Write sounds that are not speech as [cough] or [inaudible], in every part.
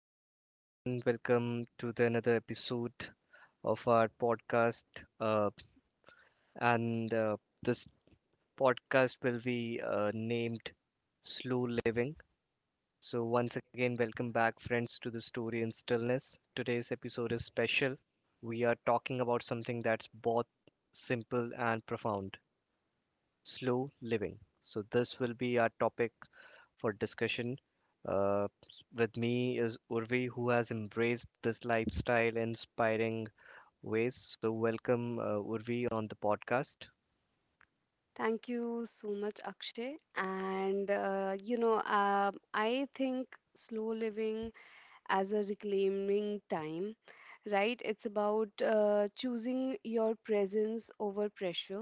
Hi everyone, welcome to the another episode of our podcast. Uh, and this podcast will be named Slow Living. So once again, welcome back, friends, to the story in stillness. Today's episode is special. We are talking about something that's both simple and profound: slow living. So this will be our topic for discussion. Uh, with me is Urvi, who has embraced this lifestyle in inspiring ways. So, welcome, Urvi, on the podcast. Thank you so much, Akshay. And I think slow living as a reclaiming time, right? It's about choosing your presence over pressure,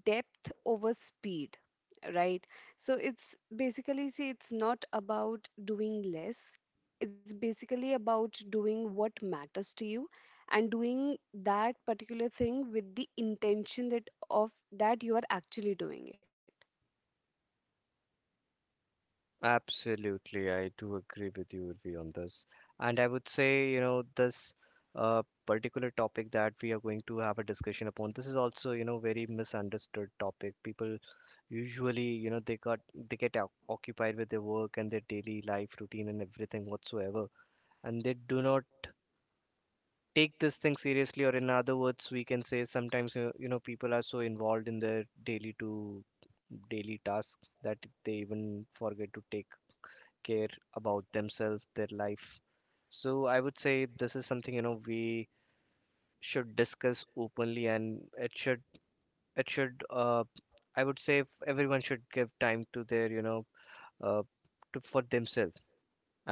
depth over speed, right? So it's basically, see, it's not about doing less, it's basically about doing what matters to you, and doing that particular thing with the intention that of that you are actually doing it. Absolutely, I do agree with you, Urvi, on this. And I would say, you know, this particular topic that we are going to have a discussion upon, this is also, you know, very misunderstood topic. People usually, you know, they get occupied with their work and their daily life routine and everything whatsoever, and they do not take this thing seriously, or in other words we can say sometimes you, you know, people are so involved in their daily to daily task that they even forget to take care about themselves, their life. So I would say this is something, you know, we should discuss openly, and it should it should uh, I would say everyone should give time to their you know uh, to for themselves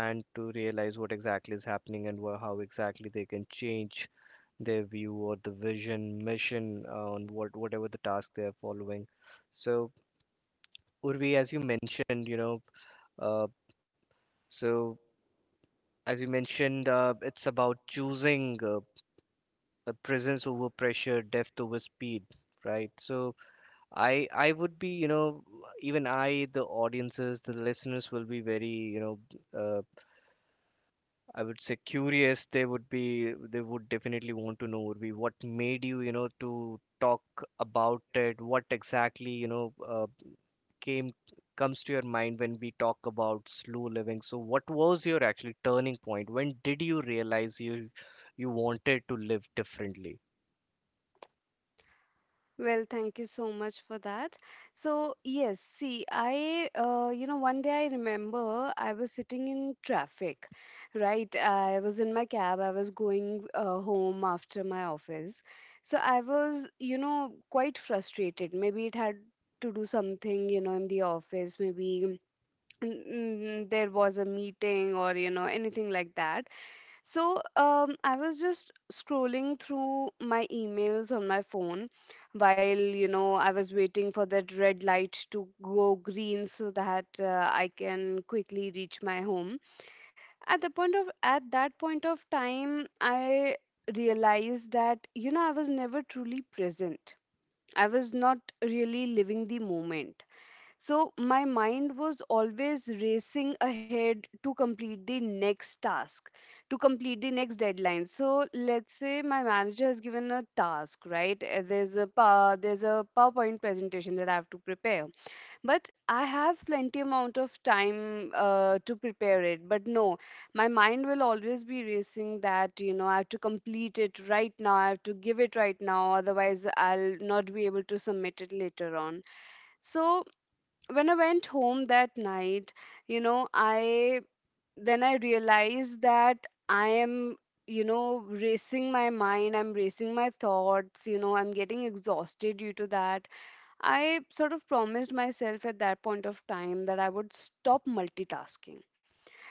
and to realize what exactly is happening and how exactly they can change their view or the vision, mission on whatever the task they are following. So, Urvi, as you mentioned, you know, uh, so as you mentioned, it's about choosing presence over pressure, depth over speed, right? So I would be, you know, even I, the audiences, the listeners will be very, you know, uh. I would say curious they would be, they would definitely want to know, Urvi, what made you, you know, to talk about it, what exactly, you know, came comes to your mind when we talk about slow living. So what was your actually turning point? When did you realize you wanted to live differently? Well, thank you so much for that. So, yes, see, I one day I remember I was sitting in traffic, right? I was in my cab, I was going home after my office. So, I was, you know, quite frustrated. Maybe it had to do something, you know, in the office, maybe there was a meeting or, you know, anything like that. So, I was just scrolling through my emails on my phone while, you know, I was waiting for that red light to go green so that I can quickly reach my home. At that point of time, I realized that, you know, I was never truly present. I was not really living the moment. So my mind was always racing ahead to complete the next task, to complete the next deadline. So let's say my manager has given a task, right? There's a there's a PowerPoint presentation that I have to prepare, but I have plenty amount of time to prepare it. But no, my mind will always be racing that you know I have to complete it right now. I have to give it right now, otherwise I'll not be able to submit it later on. So when I went home that night, you know, I then I realized that I am, you know, racing my mind, I'm racing my thoughts, you know, I'm getting exhausted due to that. I sort of promised myself at that point of time that I would stop multitasking,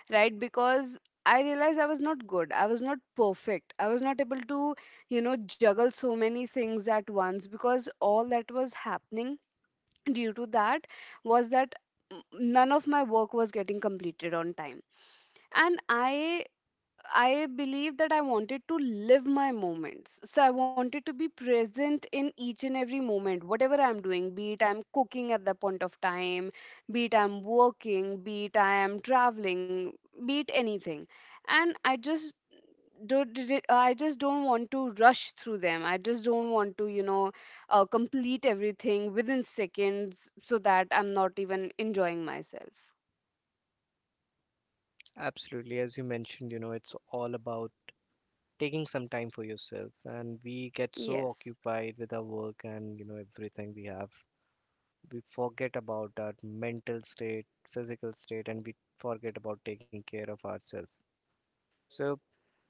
right? Because I realized I was not good. I was not perfect. I was not able to, you know, juggle so many things at once because all that was happening due to that was that none of my work was getting completed on time. And I believed that I wanted to live my moments, so I wanted to be present in each and every moment whatever I'm doing, be it I'm cooking at that point of time, be it I'm working, be it I am traveling, be it anything. And I just did it. I just don't want to rush through them. I just don't want to, complete everything within seconds so that I'm not even enjoying myself. Absolutely, as you mentioned, you know, it's all about taking some time for yourself, and we get so Yes. occupied with our work and, you know, everything. We have we forget about our mental state, physical state, and we forget about taking care of ourselves. So,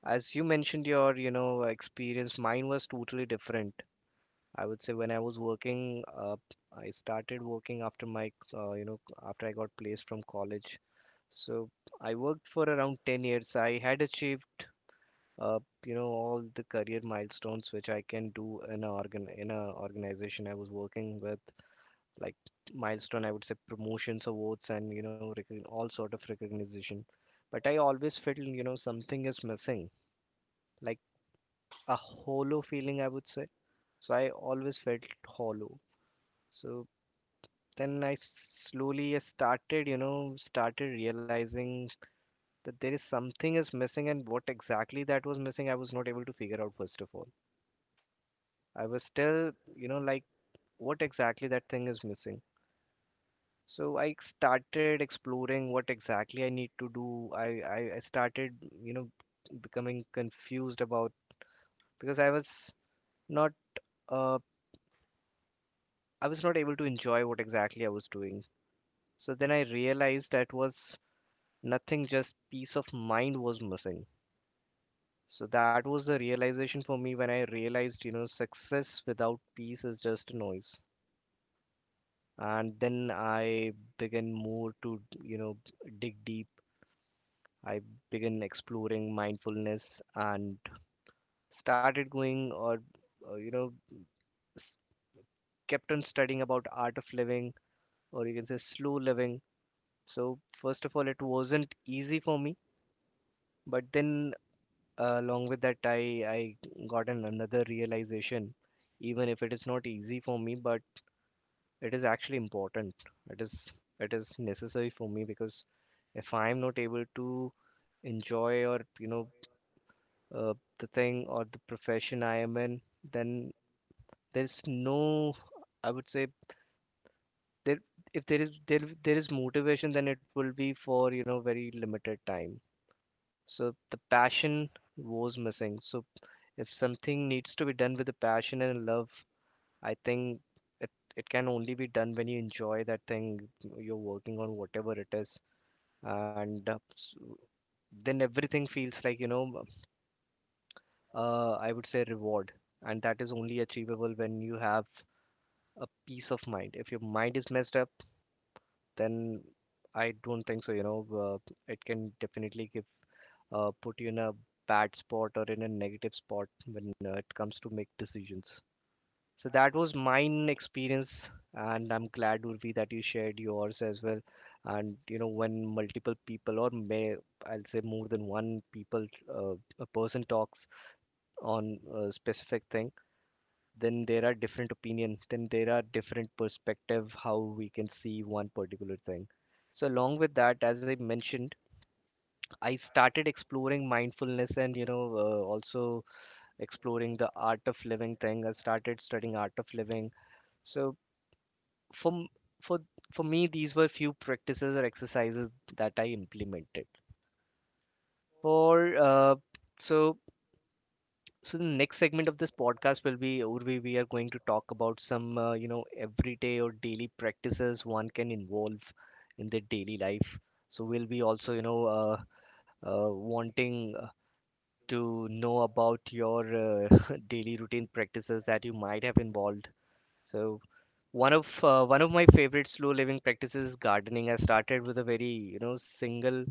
as you mentioned, your you know experience, mine was totally different. I would say when I was working, I started working after my after I got placed from college. So I worked for around 10 years. I had achieved uh, you know all the career milestones which I can do in a organization I was working with, like milestone, I would say promotions, awards, and you know all sort of recognition. But I always felt, you know, something is missing, like a hollow feeling, I would say. So I always felt hollow. So then I slowly started you know started realizing that there is something is missing, and what exactly that was missing I was not able to figure out. First of all, I was still you know like what exactly that thing is missing. So I started exploring what exactly I need to do. I started, you know, becoming confused about, because not uh, I was not able to enjoy what exactly I was doing. So then I realized that was nothing, just peace of mind was missing. So that was the realization for me, when I realized, you know, success without peace is just noise. And then I began more to, you know, dig deep. I began exploring mindfulness and started going or uh, you know s- kept on studying about art of living, or you can say slow living. So first of all, it wasn't easy for me, but then, along with that, I got another realization. Even if it is not easy for me, but it is actually important. It is necessary for me, because if I am not able to enjoy or you know the thing or the profession I am in, then there's no, I would say, there if there is motivation, then it will be for, you know, very limited time. So the passion was missing. So if something needs to be done with a passion and love, I think it it can only be done when you enjoy that thing you're working on, whatever it is, and then everything feels like, you know, I would say reward. And that is only achievable when you have a peace of mind. If your mind is messed up, then I don't think so. You know, it can definitely give put you in a bad spot or in a negative spot when it comes to make decisions. So that was mine experience, and I'm glad, Urvi, that you shared yours as well. And you know, when multiple people, or may I'll say more than one people, uh, a person talks on a specific thing, then there are different opinion, then there are different perspective how we can see one particular thing. So along with that, as I mentioned, I started exploring mindfulness and, you know, also exploring the art of living thing. I started studying art of living. So for m- for for me, these were few practices or exercises that I implemented for so so the next segment of this podcast will be Urvi. We are going to talk about some, you know, everyday or daily practices one can involve in their daily life. So we'll be also, you know, wanting to know about your uh, [laughs] daily routine practices that you might have involved. So one of my favorite slow living practices is gardening. I started with a very, you know, single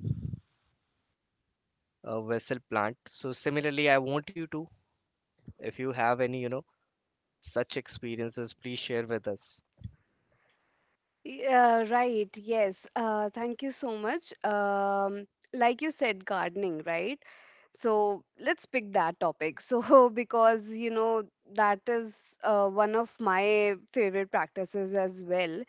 vessel plant. So similarly, I want you to, if you have any, you know, such experiences, please share with us. Yeah, right. Yes. Thank you so much. Like you said, gardening, right? So let's pick that topic. So, [laughs] because, you know, that is one of my favorite practices as well.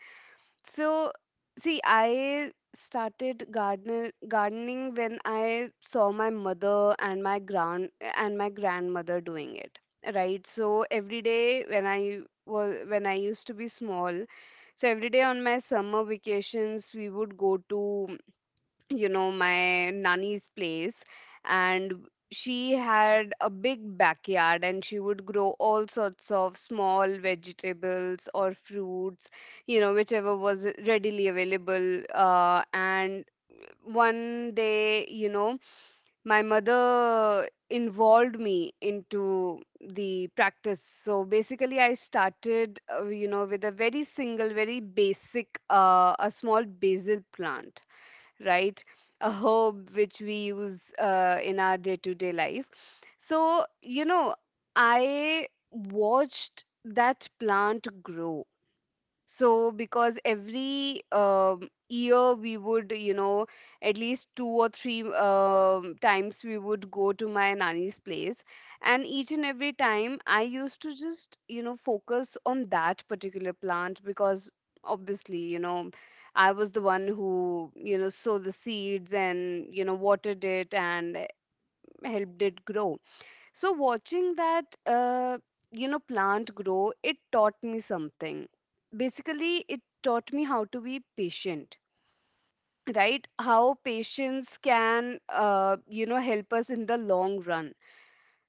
So, see, I started gardener gardening when I saw my mother and my grandmother doing it, right? So every day when I used to be small, so every day on my summer vacations we would go to, you know, my nanny's place, and she had a big backyard and she would grow all sorts of small vegetables or fruits, you know, whichever was readily available. And one day, you know, my mother involved me into the practice. So basically I started, with a very single, very basic, a small basil plant, right? A herb which we use in our day to day life. So, you know, I watched that plant grow, so because every year we would, you know, at least two or three times we would go to my nani's place. And each and every time I used to just, you know, focus on that particular plant because obviously, you know, I was the one who, you know, sowed the seeds and, you know, watered it and helped it grow. So watching that, plant grow, it taught me something. Basically, it taught me how to be patient, right? How patience can, help us in the long run.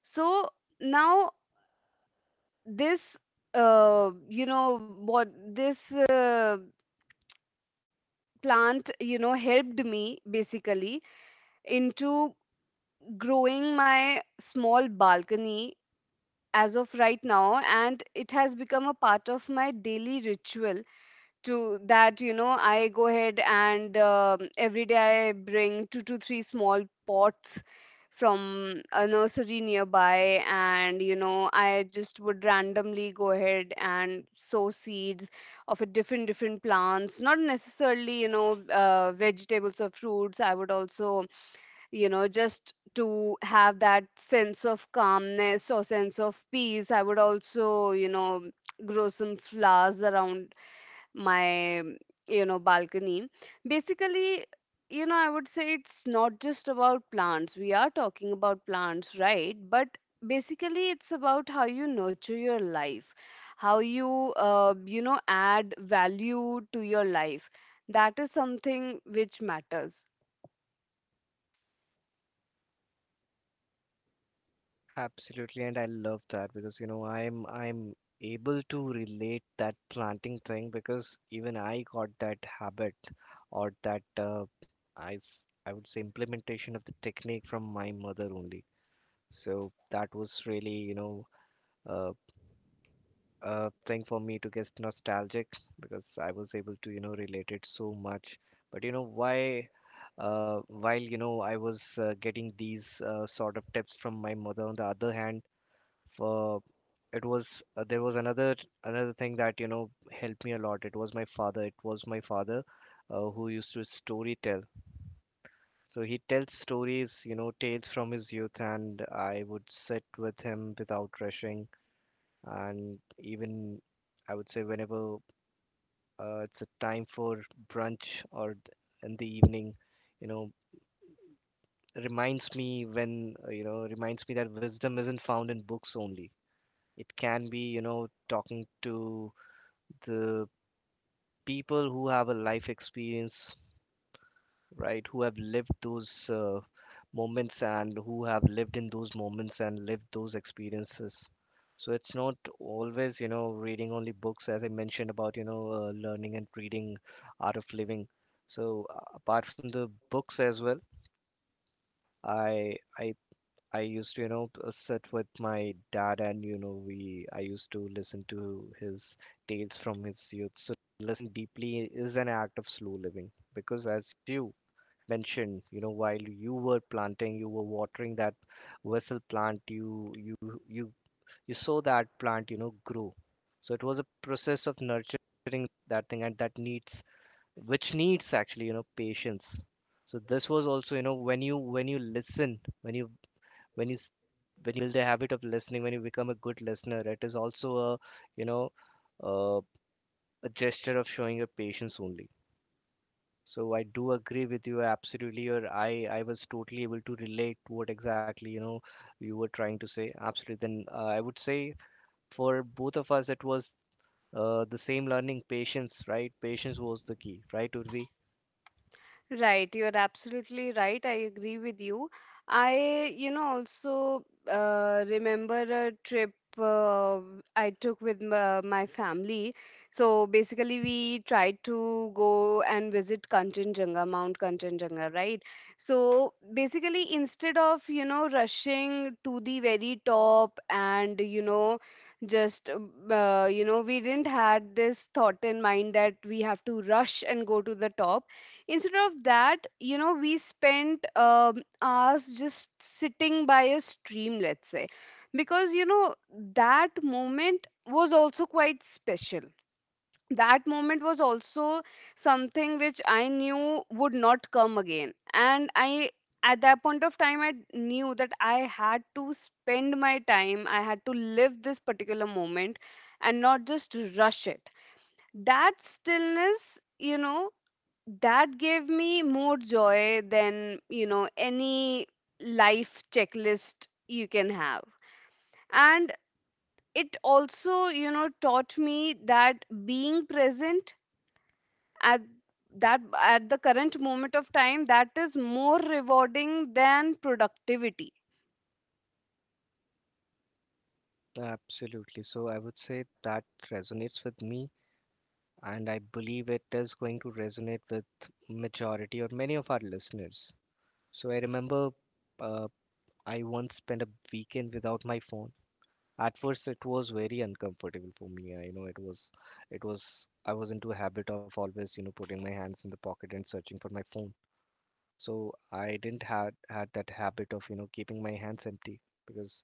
So now this, you know, what this plant, you know, helped me basically into growing my small balcony as of right now, and it has become a part of my daily ritual. To that You know, I go ahead and every day I bring two to three small pots from a nursery nearby, and you know I just would randomly go ahead and sow seeds of a different plants, not necessarily, you know, vegetables or fruits. I would also, you know, just to have that sense of calmness or sense of peace, I would also, you know, grow some flowers around my, you know, balcony. Basically, you know, I would say it's not just about plants, we are talking about plants, right, but basically it's about how you nurture your life, how you you know, add value to your life. That is something which matters. Absolutely, and I love that, because, you know, I'm able to relate that planting thing, because even I got that habit or that, I would say implementation of the technique from my mother only. So that was really, you know, uh, a thing for me to get nostalgic, because I was able to you know relate it so much. But you know why. While you know I was getting these sort of tips from my mother, on the other hand, for it was there was another another thing that you know helped me a lot. It was my father. It was my father who used to story tell. So he tells stories, you know, tales from his youth, and I would sit with him without rushing. And even I would say whenever it's a time for brunch or th- in the evening, you know, reminds me that wisdom isn't found in books only. It can be you know talking to the people who have a life experience, right, who have lived those moments, and who have lived in those moments and lived those experiences. So it's not always, you know, reading only books, as I mentioned about, you know, learning and reading art of living. So apart from the books as well, I I used to, you know, sit with my dad, and, you know, we I used to listen to his tales from his youth. So listening deeply is an act of slow living, because as you mentioned, you know, while you were planting, you were watering that vessel plant, you you saw that plant, you know, grow. So it was a process of nurturing that thing, and that needs which needs actually, you know, patience. So this was also, you know, when you listen, when you when you s- when you build a habit of listening, when you become a good listener, it is also a you know uh, a gesture of showing your patience only. So I do agree with you absolutely, or I was totally able to relate to what exactly you know you were trying to say. Absolutely, then I would say for both of us it was the same learning, patience, right? Patience was the key, right, Urvi? Right, you're absolutely right. I agree with you. I, you know, also remember a trip I took with my family. So basically, we tried to go and visit Kanchenjunga, Mount Kanchenjunga, right? So basically, instead of, you know, rushing to the very top and, you know, just we didn't had this thought in mind that we have to rush and go to the top. Instead of that, you know, we spent hours just sitting by a stream, let's say, because you know that moment was also quite special. That moment was also something which I knew would not come again, and I, at that point of time, I knew that I had to spend my time, I had to live this particular moment and not just rush it. That stillness, you know, that gave me more joy than, you know, any life checklist you can have. And it also, you know, taught me that being present at that at the current moment of time, that is more rewarding than productivity. Absolutely, so I would say that resonates with me, and I believe it is going to resonate with majority or many of our listeners. So I remember uh, I once spent a weekend without my phone. At first, it was very uncomfortable for me. I you know it was, it was. I was into a habit of always, you know, putting my hands in the pocket and searching for my phone. So I didn't had had that habit of, keeping my hands empty because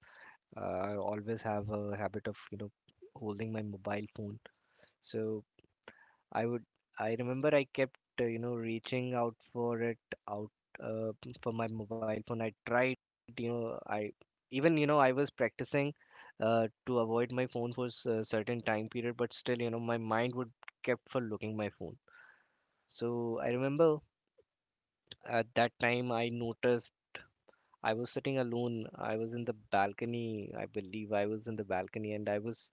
I always have a habit of, holding my mobile phone. So I would I remember I kept reaching out for it out uh, for my mobile phone. I tried, you know I even I was practicing to avoid my phone for a certain time period, but still, you know, my mind would kept for looking my phone. So I remember at that time I noticed I was sitting alone. I was in the balcony, I believe I was in the balcony, and I was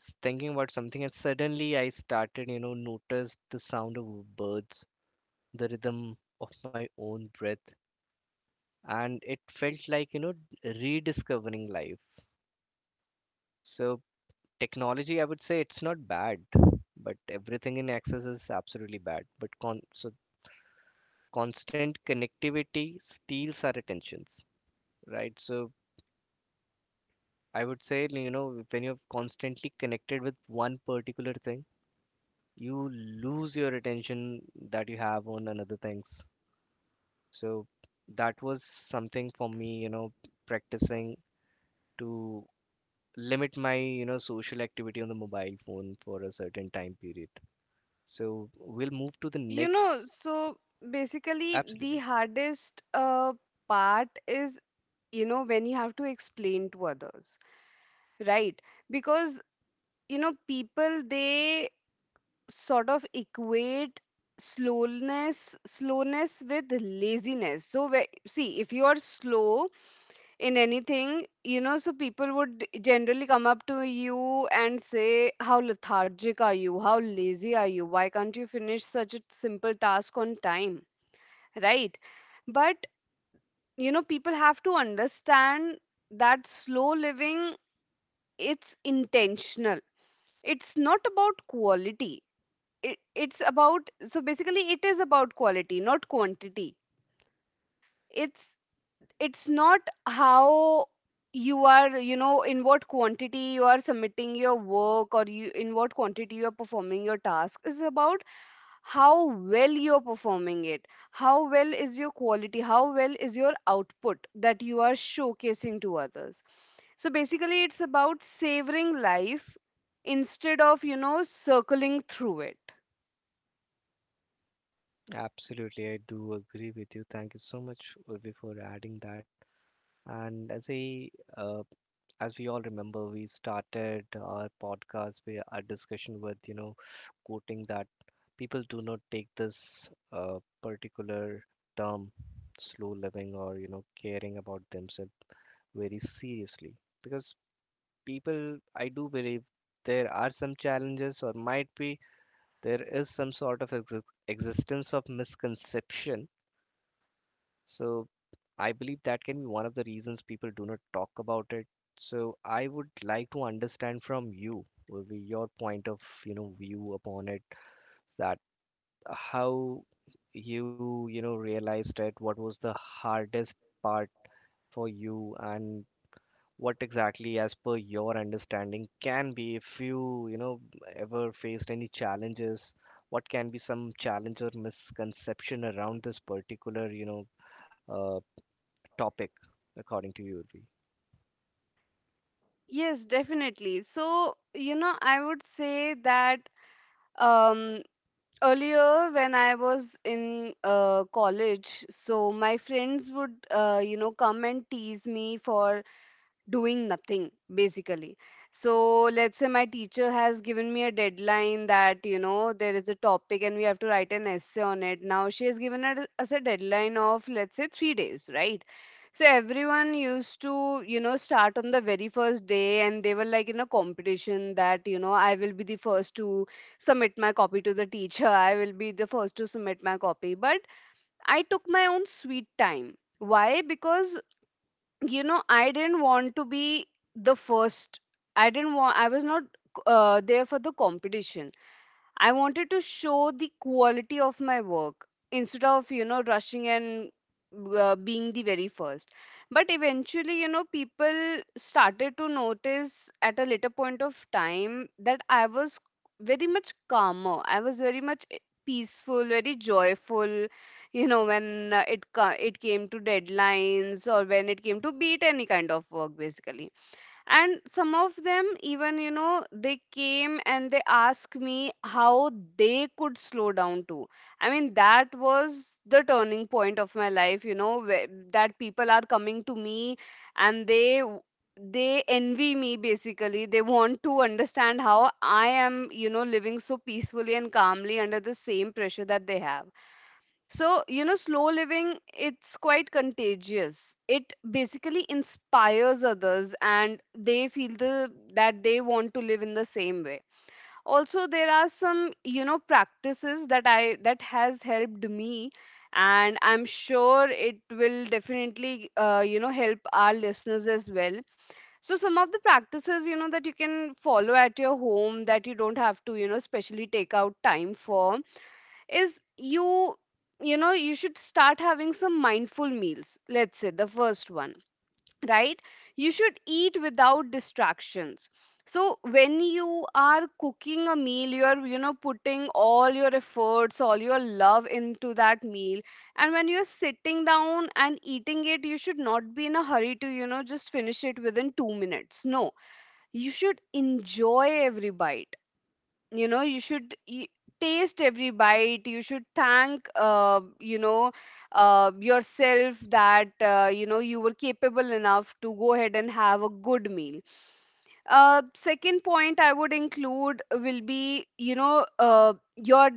thinking about something, and suddenly I started you know noticed the sound of birds, the rhythm of my own breath, and it felt like, you know, rediscovering life. So, technology, I would say, it's not bad, but everything in excess is absolutely bad. But constant connectivity steals our attentions, right? So, I would say, you know, when you're constantly connected with one particular thing, you lose your attention that you have on another things. So, that was something for me, you know, practicing to limit my, you know, social activity on the mobile phone for a certain time period. So we'll move to the You next. know, so basically Absolutely, the hardest part is, you know, when you have to explain to others, right? Because you know people, they sort of equate slowness with laziness, so whe- see, if you are slow in anything, you know, so people would generally come up to you and say how lethargic are you, how lazy are you, why can't you finish such a simple task on time, right? But you know people have to understand that slow living, it's intentional. It's not about quality It, it's about, so basically it is about quality, not quantity. it's it's not how you are, you know, in what quantity you are submitting your work, or you in what quantity you are performing your task, is about how well you're performing it, how well is your quality, how well is your output that you are showcasing to others. So basically, it's about savoring life instead of, you know, circling through it. absolutely, I do agree with you. Thank you so much, Urvi, for adding that. And as a, uh, as we all remember, we started our podcast with our discussion with, you know, quoting that people do not take this particular term, slow living, or you know, caring about themselves very seriously, because people, I do believe, there are some challenges, or might be there is some sort of existence of misconception. So I believe that can be one of the reasons people do not talk about it. So I would like to understand from you, will be your point of, you know, view upon it, that how you, you know, realized it, what was the hardest part for you, and what exactly, as per your understanding, can be, if you, you know, ever faced any challenges? What can be some challenge or misconception around this particular, you know, uh, topic, according to you, Urvi? Yes, definitely. So, you know, I would say that, um, earlier when I was in college, so my friends would, come and tease me for doing nothing basically. So let's say my teacher has given me a deadline, that you know there is a topic and we have to write an essay on it. Now, she has given us a deadline of let's say 3 days, right? So everyone used to, you know, start on the very first day, and they were like in a competition that you know I will be the first to submit my copy to the teacher, I will be the first to submit my copy, but I took my own sweet time. Why? Because, you know, I didn't want to be the first, I didn't want I was not there for the competition. I wanted to show the quality of my work instead of, you know, rushing and being the very first. But eventually, you know, people started to notice at a later point of time that I was very much calmer. I was very much peaceful, very joyful, you know, when it it came to deadlines, or when it came to beat any kind of work basically. And some of them, even you know, they came and they asked me how they could slow down too. I mean, that was the turning point of my life, you know, where that people are coming to me, and they envy me basically. They want to understand how I am, you know, living so peacefully and calmly under the same pressure that they have. So, you know, slow living, it's quite contagious. It basically inspires others and they feel the that they want to live in the same way. Also, there are some, you know, practices that I that has helped me and I'm sure it will definitely you know, help our listeners as well. So some of the practices, you know, that you can follow at your home that you don't have to, you know, specially take out time for is you know you should start having some mindful meals, let's say the first one. Right, you should eat without distractions. So when you are cooking a meal, you're, you know, putting all your efforts, all your love into that meal, and when you're sitting down and eating it, you should not be in a hurry to, you know, just finish it within 2 minutes. No, you should enjoy every bite. You know, you should taste every bite. You should thank, you know, yourself that, you know, you were capable enough to go ahead and have a good meal. Second point I would include will be, you know, your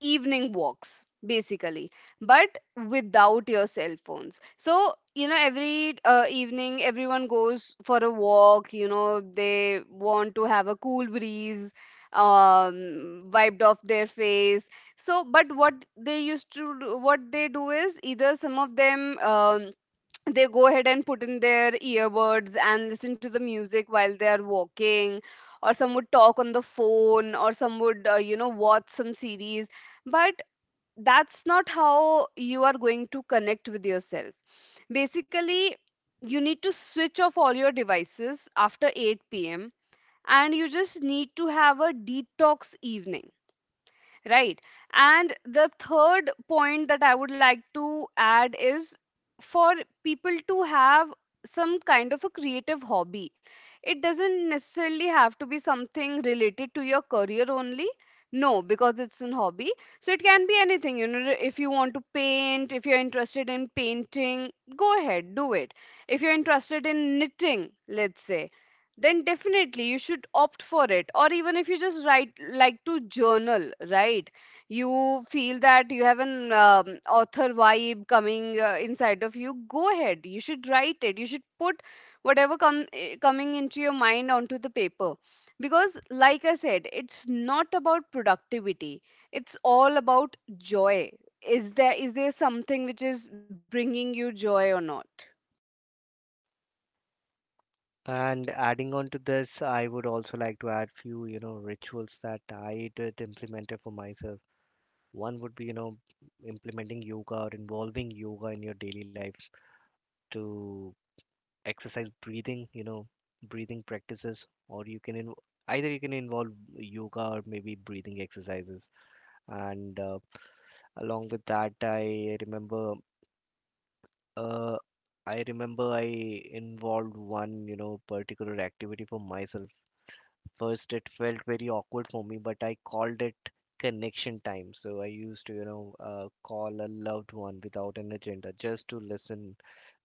evening walks basically, but without your cell phones. So you know, every evening everyone goes for a walk. You know, they want to have a cool breeze wiped off their face. So, but what they used to do, what they do is either some of them they go ahead and put in their earbuds and listen to the music while they are walking, or some would talk on the phone, or some would, you know, watch some series. But that's not how you are going to connect with yourself basically. You need to switch off all your devices after 8 p.m, and you just need to have a detox evening. Right. And the third point that I would like to add is for people to have some kind of a creative hobby. It doesn't necessarily have to be something related to your career only. No, because it's an hobby. So it can be anything. You know, if you want to paint, if you're interested in painting, go ahead, do it. If you're interested in knitting, let's say, then definitely you should opt for it, or even if you just write, like to journal, right, you feel that you have an author vibe coming inside of you, go ahead, you should write it, you should put whatever coming into your mind onto the paper. Because like I said, it's not about productivity, it's all about joy. Is there something which is bringing you joy or not? And adding on to this, I would also like to add few, you know, rituals that I did implemented for myself. One would be, you know, implementing yoga or involving yoga in your daily life to exercise breathing, you know, breathing practices. Or you can either you can involve yoga or maybe breathing exercises. And along with that, uh, I remember I involved one, you know, particular activity for myself. First it felt very awkward for me, but I called it connection time. So I used to, call a loved one without an agenda, just to listen,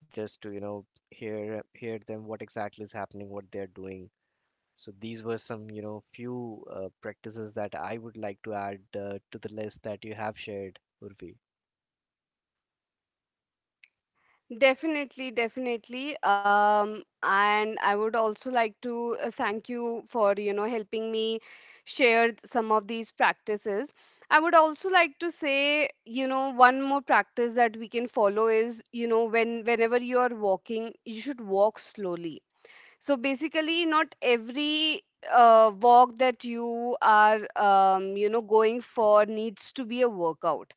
just to, you know, hear them, what exactly is happening, what they're doing. So these were some, you know, few practices that I would like to add to the list that you have shared, Urvi. Definitely, definitely. And I would also like to thank you for, you know, helping me share some of these practices. I would also like to say, you know, one more practice that we can follow is, you know, whenever you are walking, you should walk slowly. So basically, not every walk that you are, you know, going for needs to be a workout.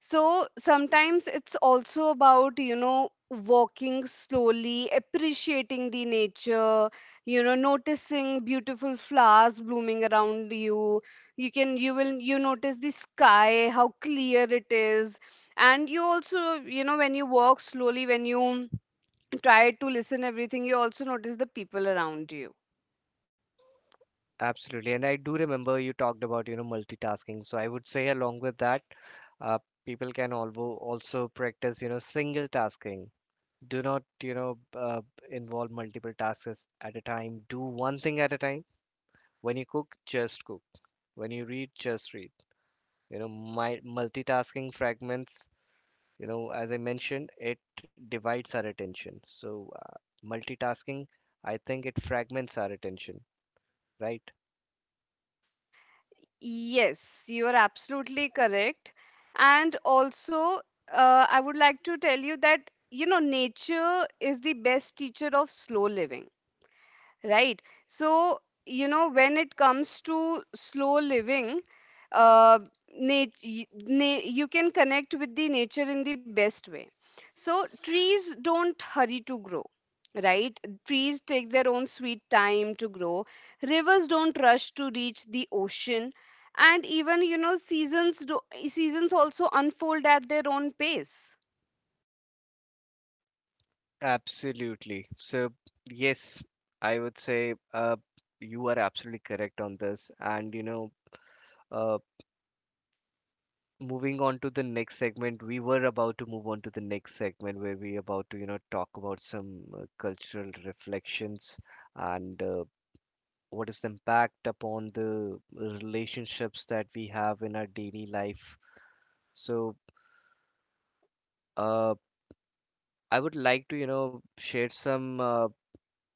So sometimes it's also about, you know, walking slowly, appreciating the nature, you know, noticing beautiful flowers blooming around you. You notice the sky, how clear it is. And you also, you know, when you walk slowly, when you try to listen everything, you also notice the people around you. Absolutely. And I do remember you talked about, you know, multitasking. So I would say along with that, uh, people can also practice, you know, single tasking. Do not, you know, involve multiple tasks at a time. Do one thing at a time. When you cook, just cook. When you read, just read. You know, my multitasking fragments. You know, as I mentioned, it divides our attention. So, multitasking, I think it fragments our attention, right? Yes, you are absolutely correct. And also, I would like to tell you that, you know, nature is the best teacher of slow living, right? So, you know, when it comes to slow living, uh, you can connect with the nature in the best way. So, trees don't hurry to grow, right? Trees take their own sweet time to grow. Rivers don't rush to reach the ocean, and even, you know, seasons also unfold at their own pace. Absolutely. So, yes, I would say you are absolutely correct on this. And, you know, uh, moving on to the next segment, we were about to move on to the next segment where we about to, you know, talk about some cultural reflections, and what is the impact upon the relationships that we have in our daily life. So, uh, I would like to, you know, share some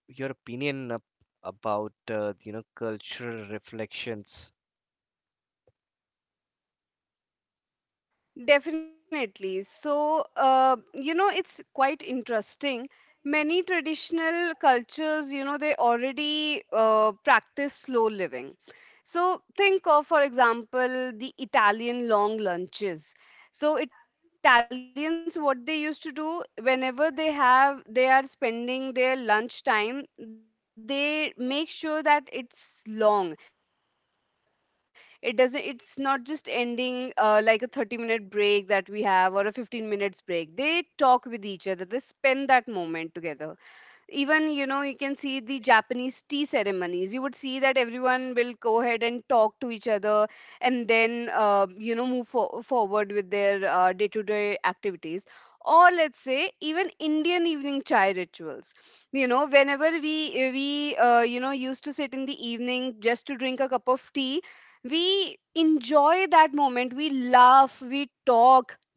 your opinion about, you know, cultural reflections. Definitely. So, you know, it's quite interesting. Many traditional cultures, you know, they already practice slow living. So, think of, for example, the Italian long lunches. So, Italians, what they used to do, they are spending their lunch time, they make sure that it's long. It's not just ending like a 30-minute break that we have or a 15 minutes break. They talk with each other, they spend that moment together. Even, you know, you can see the Japanese tea ceremonies, you would see that everyone will go ahead and talk to each other, and then, you know, move forward with their day-to-day activities. Or let's say even Indian evening chai rituals, you know, whenever we, you know, used to sit in the evening just to drink a cup of tea, we enjoy that moment, we laugh, we talk,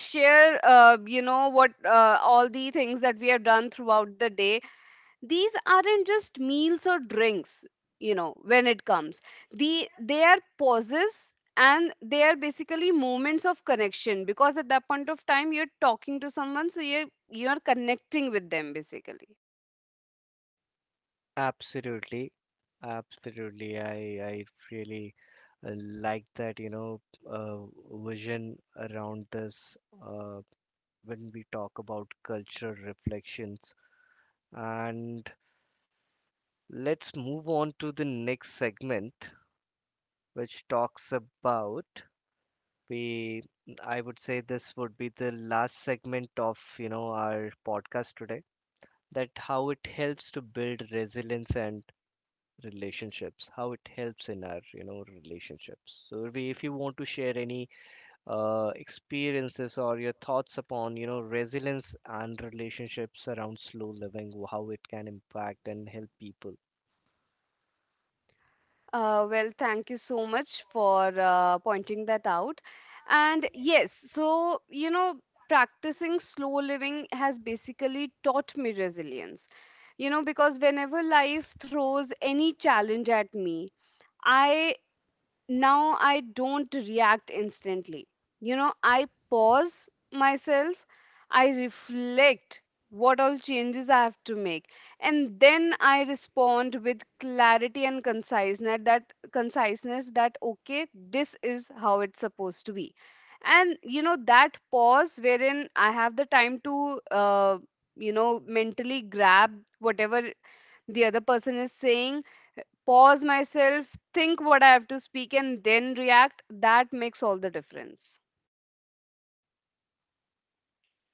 we share, you know, what, all the things that we have done throughout the day. These aren't just meals or drinks, you know, when it comes, they are pauses, and they are basically moments of connection, because at that point of time you're talking to someone, so you're connecting with them basically. Absolutely, absolutely. I really like that, you know, uh, vision around this, uh, when we talk about cultural reflections. And let's move on to the next segment, which talks about, we, I would say this would be the last segment of, you know, our podcast today, that how it helps to build resilience and relationships, how it helps in our, you know, relationships. So Urvi, if you want to share any experiences or your thoughts upon, you know, resilience and relationships around slow living, how it can impact and help people. Well, thank you so much for pointing that out. And yes, so, you know, practicing slow living has basically taught me resilience, you know, because whenever life throws any challenge at me, I now I don't react instantly. You know, I pause myself, I reflect what all changes I have to make, and then I respond with clarity and conciseness. That okay, this is how it's supposed to be. And you know, that pause wherein I have the time to, you know, mentally grab whatever the other person is saying, pause myself, think what I have to speak, and then react, that makes all the difference.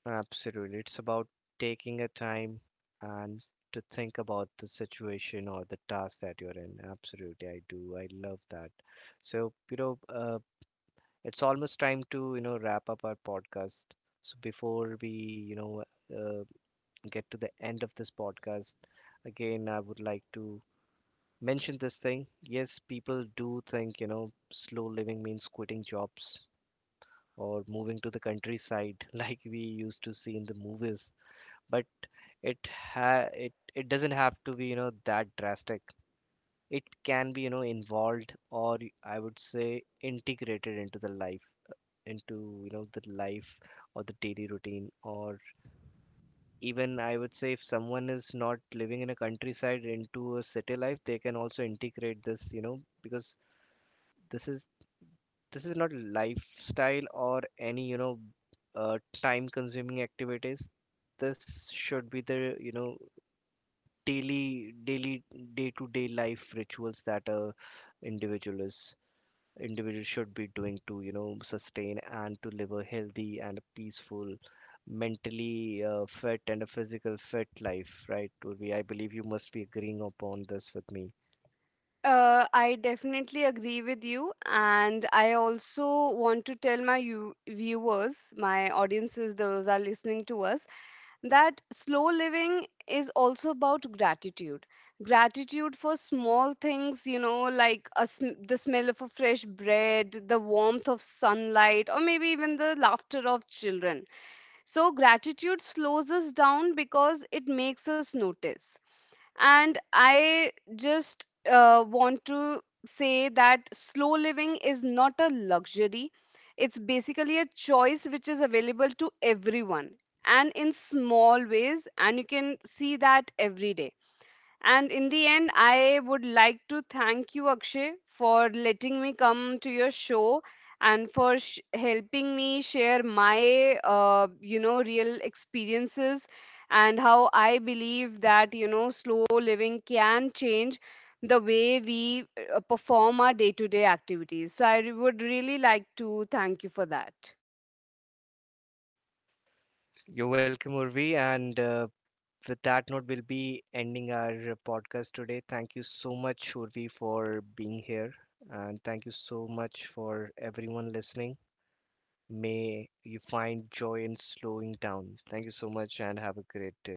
Absolutely. It's about taking a time and to think about the situation or the task that you're in. Absolutely. I do. I love that. So, you know, it's almost time to, you know, wrap up our podcast. So before we, you know, uh, get to the end of this podcast, again, I would like to mention this thing. Yes, people do think, you know, slow living means quitting jobs or moving to the countryside [laughs] like we used to see in the movies. But it it doesn't have to be, you know, that drastic. It can be, you know, involved, or I would say integrated into the life, into, you know, the life or the daily routine. Or even I would say if someone is not living in a countryside, into a city life, they can also integrate this, you know, because this is this is not lifestyle or any, you know, time consuming activities. This should be the, you know, daily day to day life rituals that a individual is individual should be doing to, you know, sustain and to live a healthy and peaceful, mentally fit and a physical fit life, right Urvi? I believe you must be agreeing upon this with me. I definitely agree with you, and I also want to tell my viewers, my audiences, those are listening to us, that slow living is also about gratitude. Gratitude for small things, you know, like the smell of a fresh bread, the warmth of sunlight, or maybe even the laughter of children. So, gratitude slows us down because it makes us notice. And I just want to say that slow living is not a luxury, it's basically a choice which is available to everyone, and in small ways, and you can see that every day. And in the end, I would like to thank you, Akshay, for letting me come to your show and for helping me share my, you know, real experiences, and how I believe that, you know, slow living can change the way we perform our day to day activities. So I would really like to thank you for that. You're welcome, Urvi, and with that note, we'll be ending our podcast today. Thank you so much, Urvi, for being here, and thank you so much for everyone listening. May you find joy in slowing down. Thank you so much and have a great day.